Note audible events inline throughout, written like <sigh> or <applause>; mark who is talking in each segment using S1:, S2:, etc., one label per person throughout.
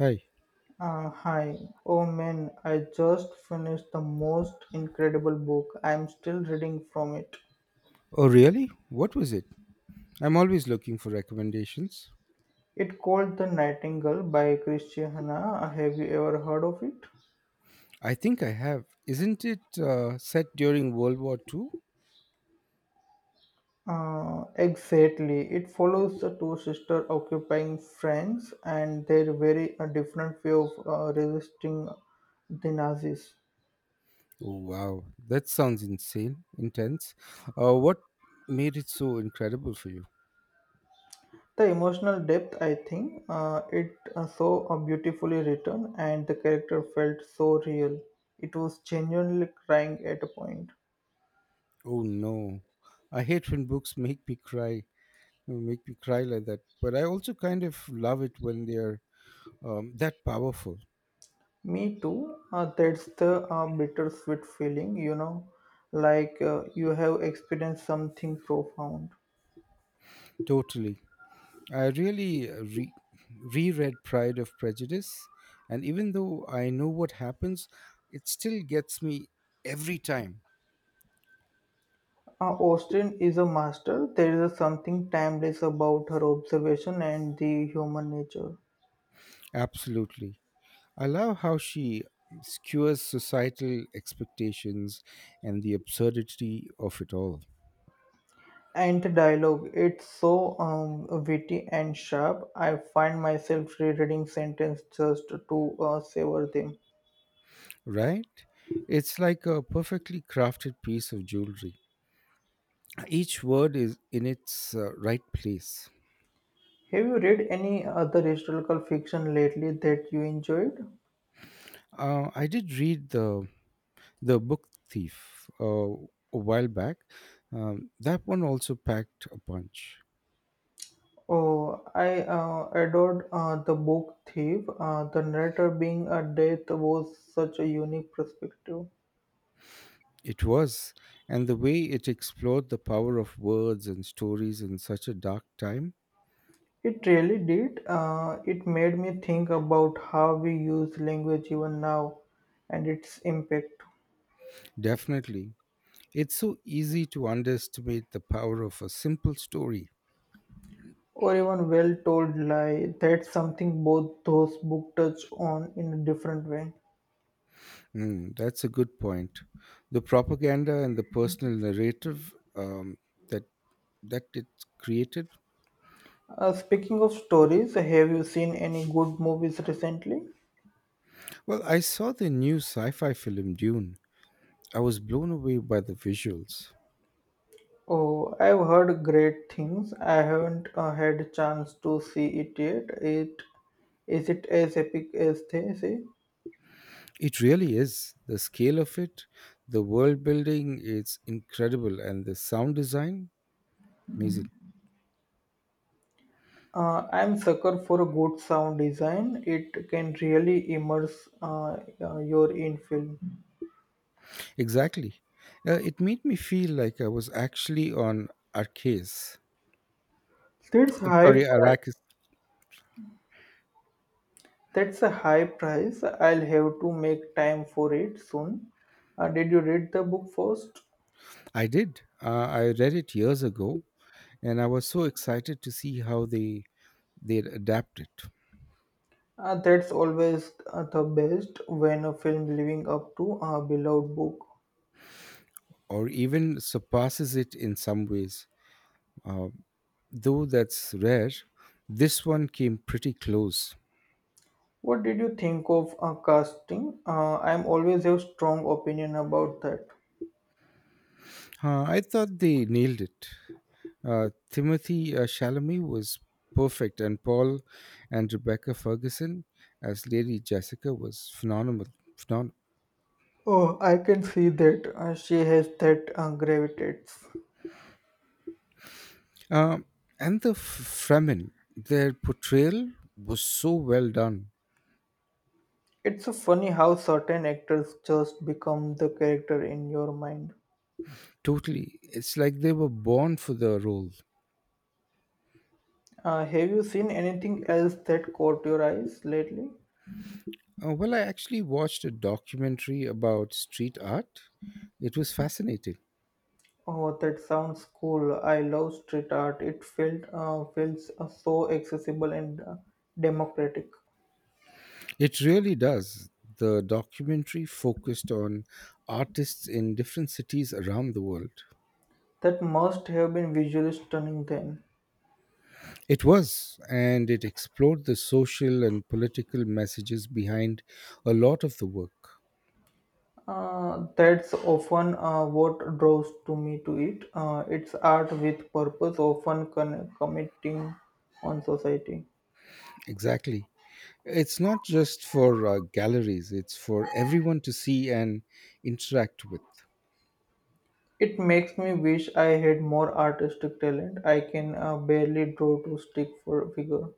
S1: Hi.
S2: Hi. Oh man, I just finished the most incredible book. I'm still reading from it.
S1: Oh, really? What was it? I'm always looking for recommendations.
S2: It called The Nightingale by Christiana. Have you ever heard of it?
S1: I think I have. Isn't it set during World War Two?
S2: Exactly. It follows the two sisters occupying France and their very different way of resisting the Nazis.
S1: Oh, wow. That sounds insane, intense. What made it so incredible for you?
S2: The emotional depth, I think, it so beautifully written, and the character felt so real. It was genuinely crying at a point.
S1: Oh, no. I hate when books make me cry like that. But I also kind of love it when they're that powerful.
S2: Me too. That's the bittersweet feeling, you know, like you have experienced something profound.
S1: Totally. I really reread Pride of Prejudice, and even though I know what happens, it still gets me every time.
S2: Austen is a master. There is something timeless about her observation and the human nature.
S1: Absolutely. I love how she skewers societal expectations and the absurdity of it all,
S2: And the dialogue, it's so witty and sharp. I find myself rereading sentences just to savor them.
S1: right? It's like a perfectly crafted piece of jewelry. Each word is in its right place.
S2: Have you read any other historical fiction lately that you enjoyed?
S1: I did read the book thief a while back, that one also packed a punch.
S2: Oh, I adored the book Thief. The narrator being a death was such a unique perspective.
S1: It was, and the way it explored the power of words and stories in such a dark time,
S2: It really did. It made me think about how we use language even now and its impact.
S1: definitely. It's so easy to underestimate the power of a simple story.
S2: Or even well told lie. That's something both those books touch on in a different way.
S1: Mm, that's a good point, the propaganda and the personal narrative, that that it created.
S2: Speaking of stories, have you seen any good movies recently?
S1: Well, I saw the new sci-fi film Dune. I was blown away by the visuals.
S2: Oh, I've heard great things. I haven't had a chance to see it yet. It is it as epic as they say?
S1: It really is. The scale of it, the world building, it's incredible, and the sound design, amazing.
S2: I'm sucker for a good sound design. It can really immerse your in film.
S1: Exactly. It made me feel like I was actually on Arcas.
S2: There's
S1: I'm sorry,
S2: hype.
S1: Arrakis.
S2: That's a high price. I'll have to make time for it soon. Did you read the book first?
S1: I did. I read it years ago, and I was so excited to see how they adapt it,
S2: That's always the best when a film living up to a beloved book.
S1: or even surpasses it in some ways. Uh, though that's rare, this one came pretty close.
S2: What did you think of casting? I'm always have strong opinion about that.
S1: I thought they nailed it. Timothy Chalamet was perfect, and Paul and Rebecca Ferguson as Lady Jessica was phenomenal. Phenomenal.
S2: Oh, I can see that she has that gravitates.
S1: Um, and the Fremen, their portrayal was so well done.
S2: It's so funny how certain actors just become the character in your mind.
S1: Totally. It's like they were born for the role.
S2: Have you seen anything else that caught your eyes lately?
S1: Well, I actually watched a documentary about street art. It was fascinating.
S2: Oh, that sounds cool. I love street art. It felt feels so accessible and democratic.
S1: It really does. The documentary focused on artists in different cities around the world.
S2: That must have been visually stunning then.
S1: It was, and it explored the social and political messages behind a lot of the work.
S2: That's often what draws to me to it. It's art with purpose, often committing on society.
S1: Exactly. It's not just for galleries, it's for everyone to see and interact with.
S2: It makes me wish I had more artistic talent. I can barely draw to stick for figure.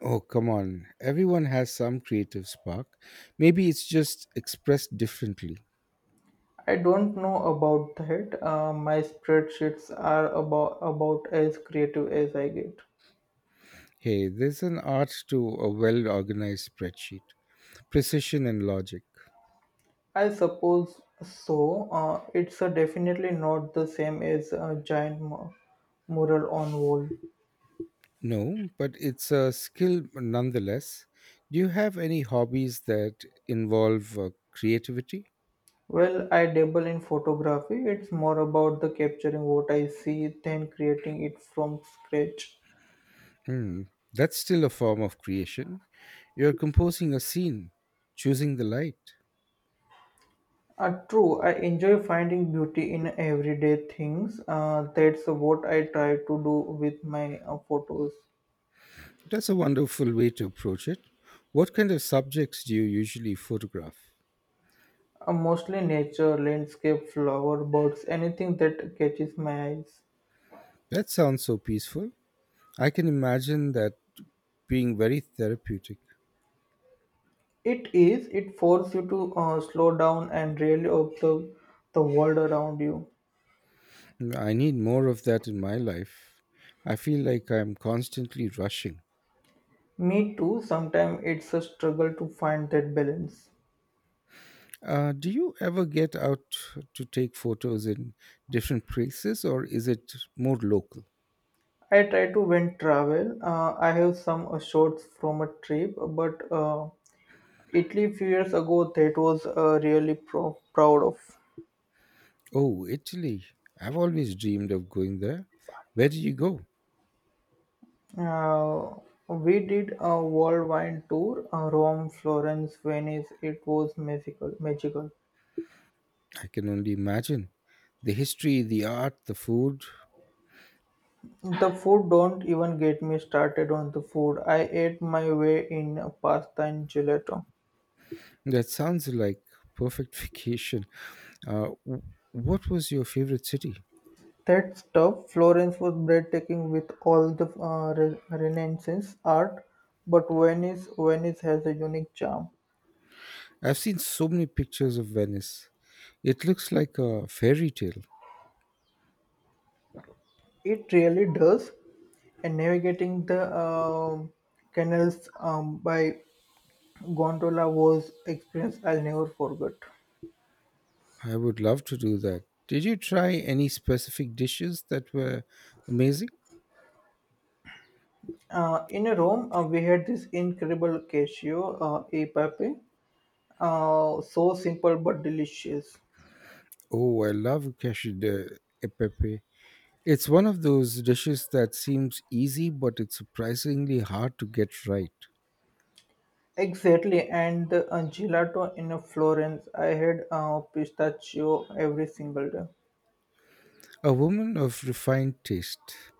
S1: Oh, come on. Everyone has some creative spark. Maybe it's just expressed differently.
S2: I don't know about that. My spreadsheets are about as creative as I get.
S1: Hey, there's an art to a well organized spreadsheet, precision and logic.
S2: I suppose so. It's definitely not the same as a giant mural on wall.
S1: No, but it's a skill nonetheless. Do you have any hobbies that involve creativity?
S2: Well, I dabble in photography. It's more about the capturing what I see than creating it from scratch.
S1: Hmm, that's still a form of creation. You're composing a scene, choosing the light.
S2: True, I enjoy finding beauty in everyday things. That's what I try to do with my photos.
S1: That's a wonderful way to approach it. What kind of subjects do you usually photograph?
S2: Mostly nature, landscape, flower, birds, anything that catches my eyes.
S1: That sounds so peaceful. I can imagine that being very therapeutic.
S2: It is, it forces you to slow down and really observe the world around you.
S1: I need more of that in my life. I feel like I'm constantly rushing.
S2: Me too, sometimes it's a struggle to find that balance.
S1: Do you ever get out to take photos in different places, or is it more local?
S2: I try to when travel. I have some shots from a trip, but Italy few years ago that was really proud of.
S1: Oh, Italy. I've always dreamed of going there. Where did you go?
S2: Uh, we did a worldwide tour, Rome, Florence, Venice. It was magical, magical.
S1: I can only imagine. The history, the art, the food.
S2: The food don't even get me started on the food. I ate my way in pasta and gelato.
S1: That sounds like perfect <laughs> vacation. W- what was your favorite city?
S2: That stuff, Florence was breathtaking with all the Renaissance art, but Venice, Venice has a unique charm.
S1: I've seen so many pictures of Venice. It looks like a fairy tale.
S2: It really does. And navigating the canals by gondola was experience I'll never forget.
S1: I would love to do that. Did you try any specific dishes that were amazing?
S2: In Rome, we had this incredible cashew e pepe, so simple but delicious.
S1: Oh, I love cashew de e pepe. It's one of those dishes that seems easy, but it's surprisingly hard to get right.
S2: Exactly, and the gelato in Florence, I had pistachio every single day.
S1: A woman of refined taste.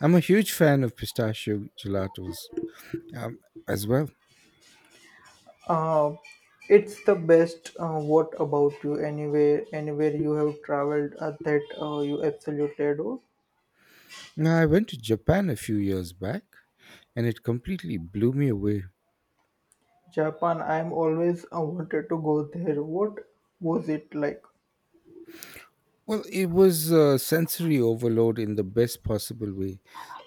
S1: I'm a huge fan of pistachio gelatos um, as well.
S2: Uh, it's the best. What about you? Anywhere you have traveled that you absolutely adore?
S1: Now, I went to Japan a few years back, and it completely blew me away.
S2: Japan. I'm always wanted to go there. What was it like?
S1: Well, it was a sensory overload in the best possible way.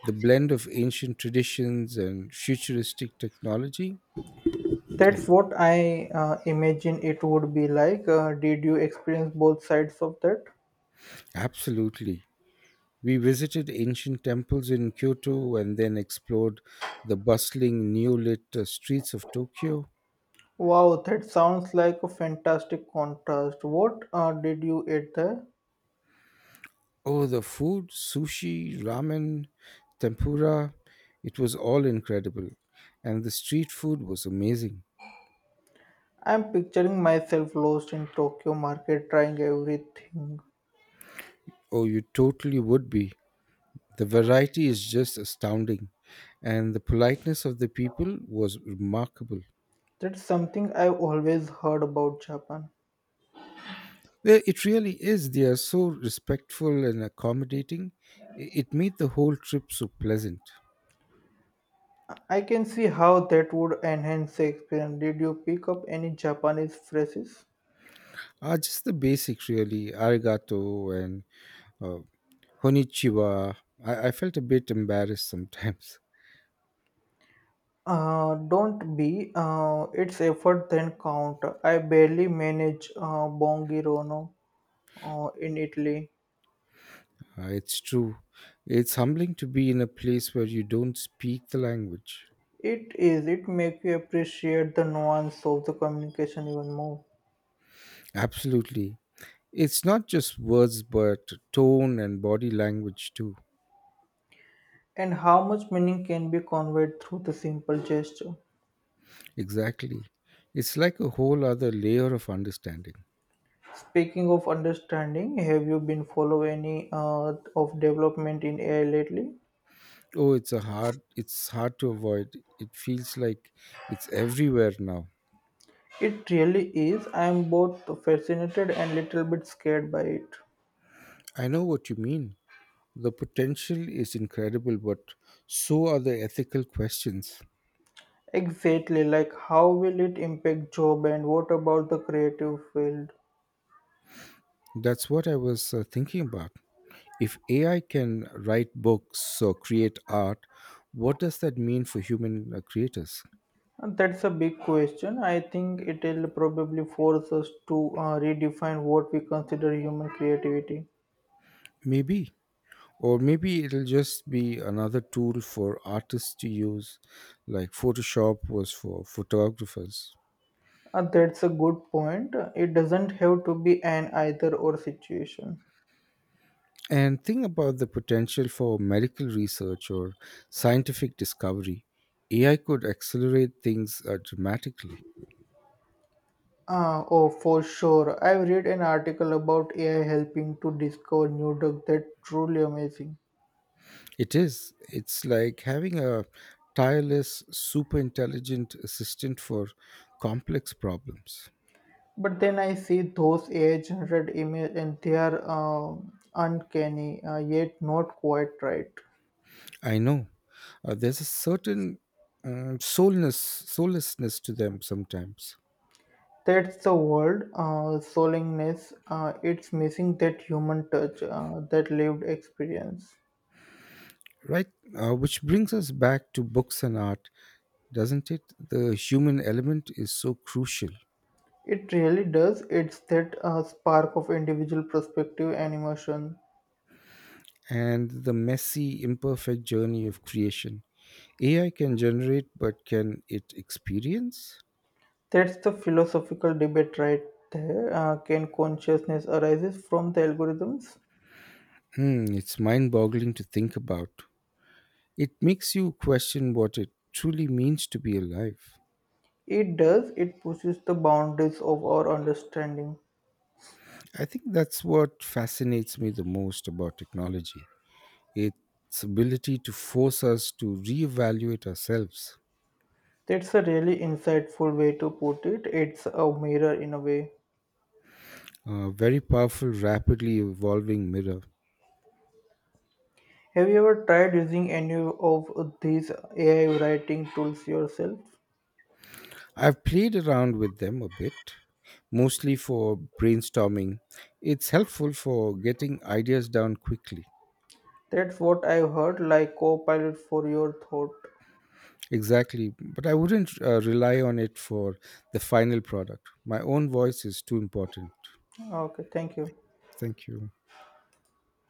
S1: The blend of ancient traditions and futuristic technology.
S2: That's
S1: Same.
S2: what I imagine it would be like. Did you experience both sides of that?
S1: Absolutely. We visited ancient temples in Kyoto and then explored the bustling, new lit streets of Tokyo.
S2: Wow, that sounds like a fantastic contrast. What did you eat there?
S1: Oh, the food, sushi, ramen, tempura, it was all incredible. And the street food was amazing.
S2: I'm picturing myself lost in Tokyo market trying everything.
S1: Oh, you totally would be. The variety is just astounding, and the politeness of the people was remarkable.
S2: That's something I've always heard about Japan.
S1: It really is. They are so respectful and accommodating. It made the whole trip so pleasant.
S2: I can see how that would enhance the experience. Did you pick up any Japanese phrases?
S1: Just the basics, really. Arigato and uh, konnichiwa. I felt a bit embarrassed sometimes. <laughs>
S2: Don't be. It's effort then count. I barely manage Bonghirono in Italy.
S1: It's true. It's humbling to be in a place where you don't speak the language.
S2: It is. It makes you appreciate the nuance of the communication even more,
S1: Absolutely. It's not just words, but tone and body language too.
S2: and how much meaning can be conveyed through the simple gesture.
S1: Exactly. It's like a whole other layer of understanding.
S2: Speaking of understanding, have you been follow any of development in AI lately?
S1: Oh, it's hard to avoid. It feels like it's everywhere now.
S2: It really is. I am both fascinated and little bit scared by it.
S1: I know what you mean. The potential is incredible, but so are the ethical questions.
S2: Exactly, like how will it impact job and what about the creative field?
S1: That's what I was thinking about. If AI can write books or create art, what does that mean for human creators?
S2: And That's a big question. I think it will probably force us to redefine what we consider human creativity.
S1: Maybe. Or maybe it'll just be another tool for artists to use, like Photoshop was for photographers.
S2: That's a good point. It doesn't have to be an either or situation.
S1: And think about the potential for medical research or scientific discovery. AI could accelerate things dramatically.
S2: Oh, for sure. I've read an article about AI helping to discover new drug that's truly amazing.
S1: It is. It's like having a tireless, super intelligent assistant for complex problems.
S2: But then I see those AI-generated images, and they are uncanny, yet not quite right.
S1: I know. There's a certain soullessness to them sometimes.
S2: That's the word, solemnness. It's missing that human touch, that lived experience.
S1: Right, which brings us back to books and art, doesn't it? The human element is so crucial,
S2: It really does. It's that spark of individual perspective and emotion.
S1: and the messy, imperfect journey of creation. AI can generate, but can it experience?
S2: That's the philosophical debate right there. Can consciousness arises from the algorithms?
S1: Hmm, it's mind boggling to think about. It makes you question what it truly means to be alive.
S2: It does. It pushes the boundaries of our understanding.
S1: I think that's what fascinates me the most about technology, its ability to force us to reevaluate ourselves.
S2: That's a really insightful way to put it. It's a mirror in a way.
S1: A very powerful, rapidly evolving mirror.
S2: Have you ever tried using any of these AI writing tools yourself?
S1: I've played around with them a bit, mostly for brainstorming. It's helpful for getting ideas down quickly.
S2: That's what I've heard, like Copilot for your thought.
S1: Exactly, but I wouldn't rely on it for the final product. My own voice is too important.
S2: Okay, thank you.
S1: Thank you.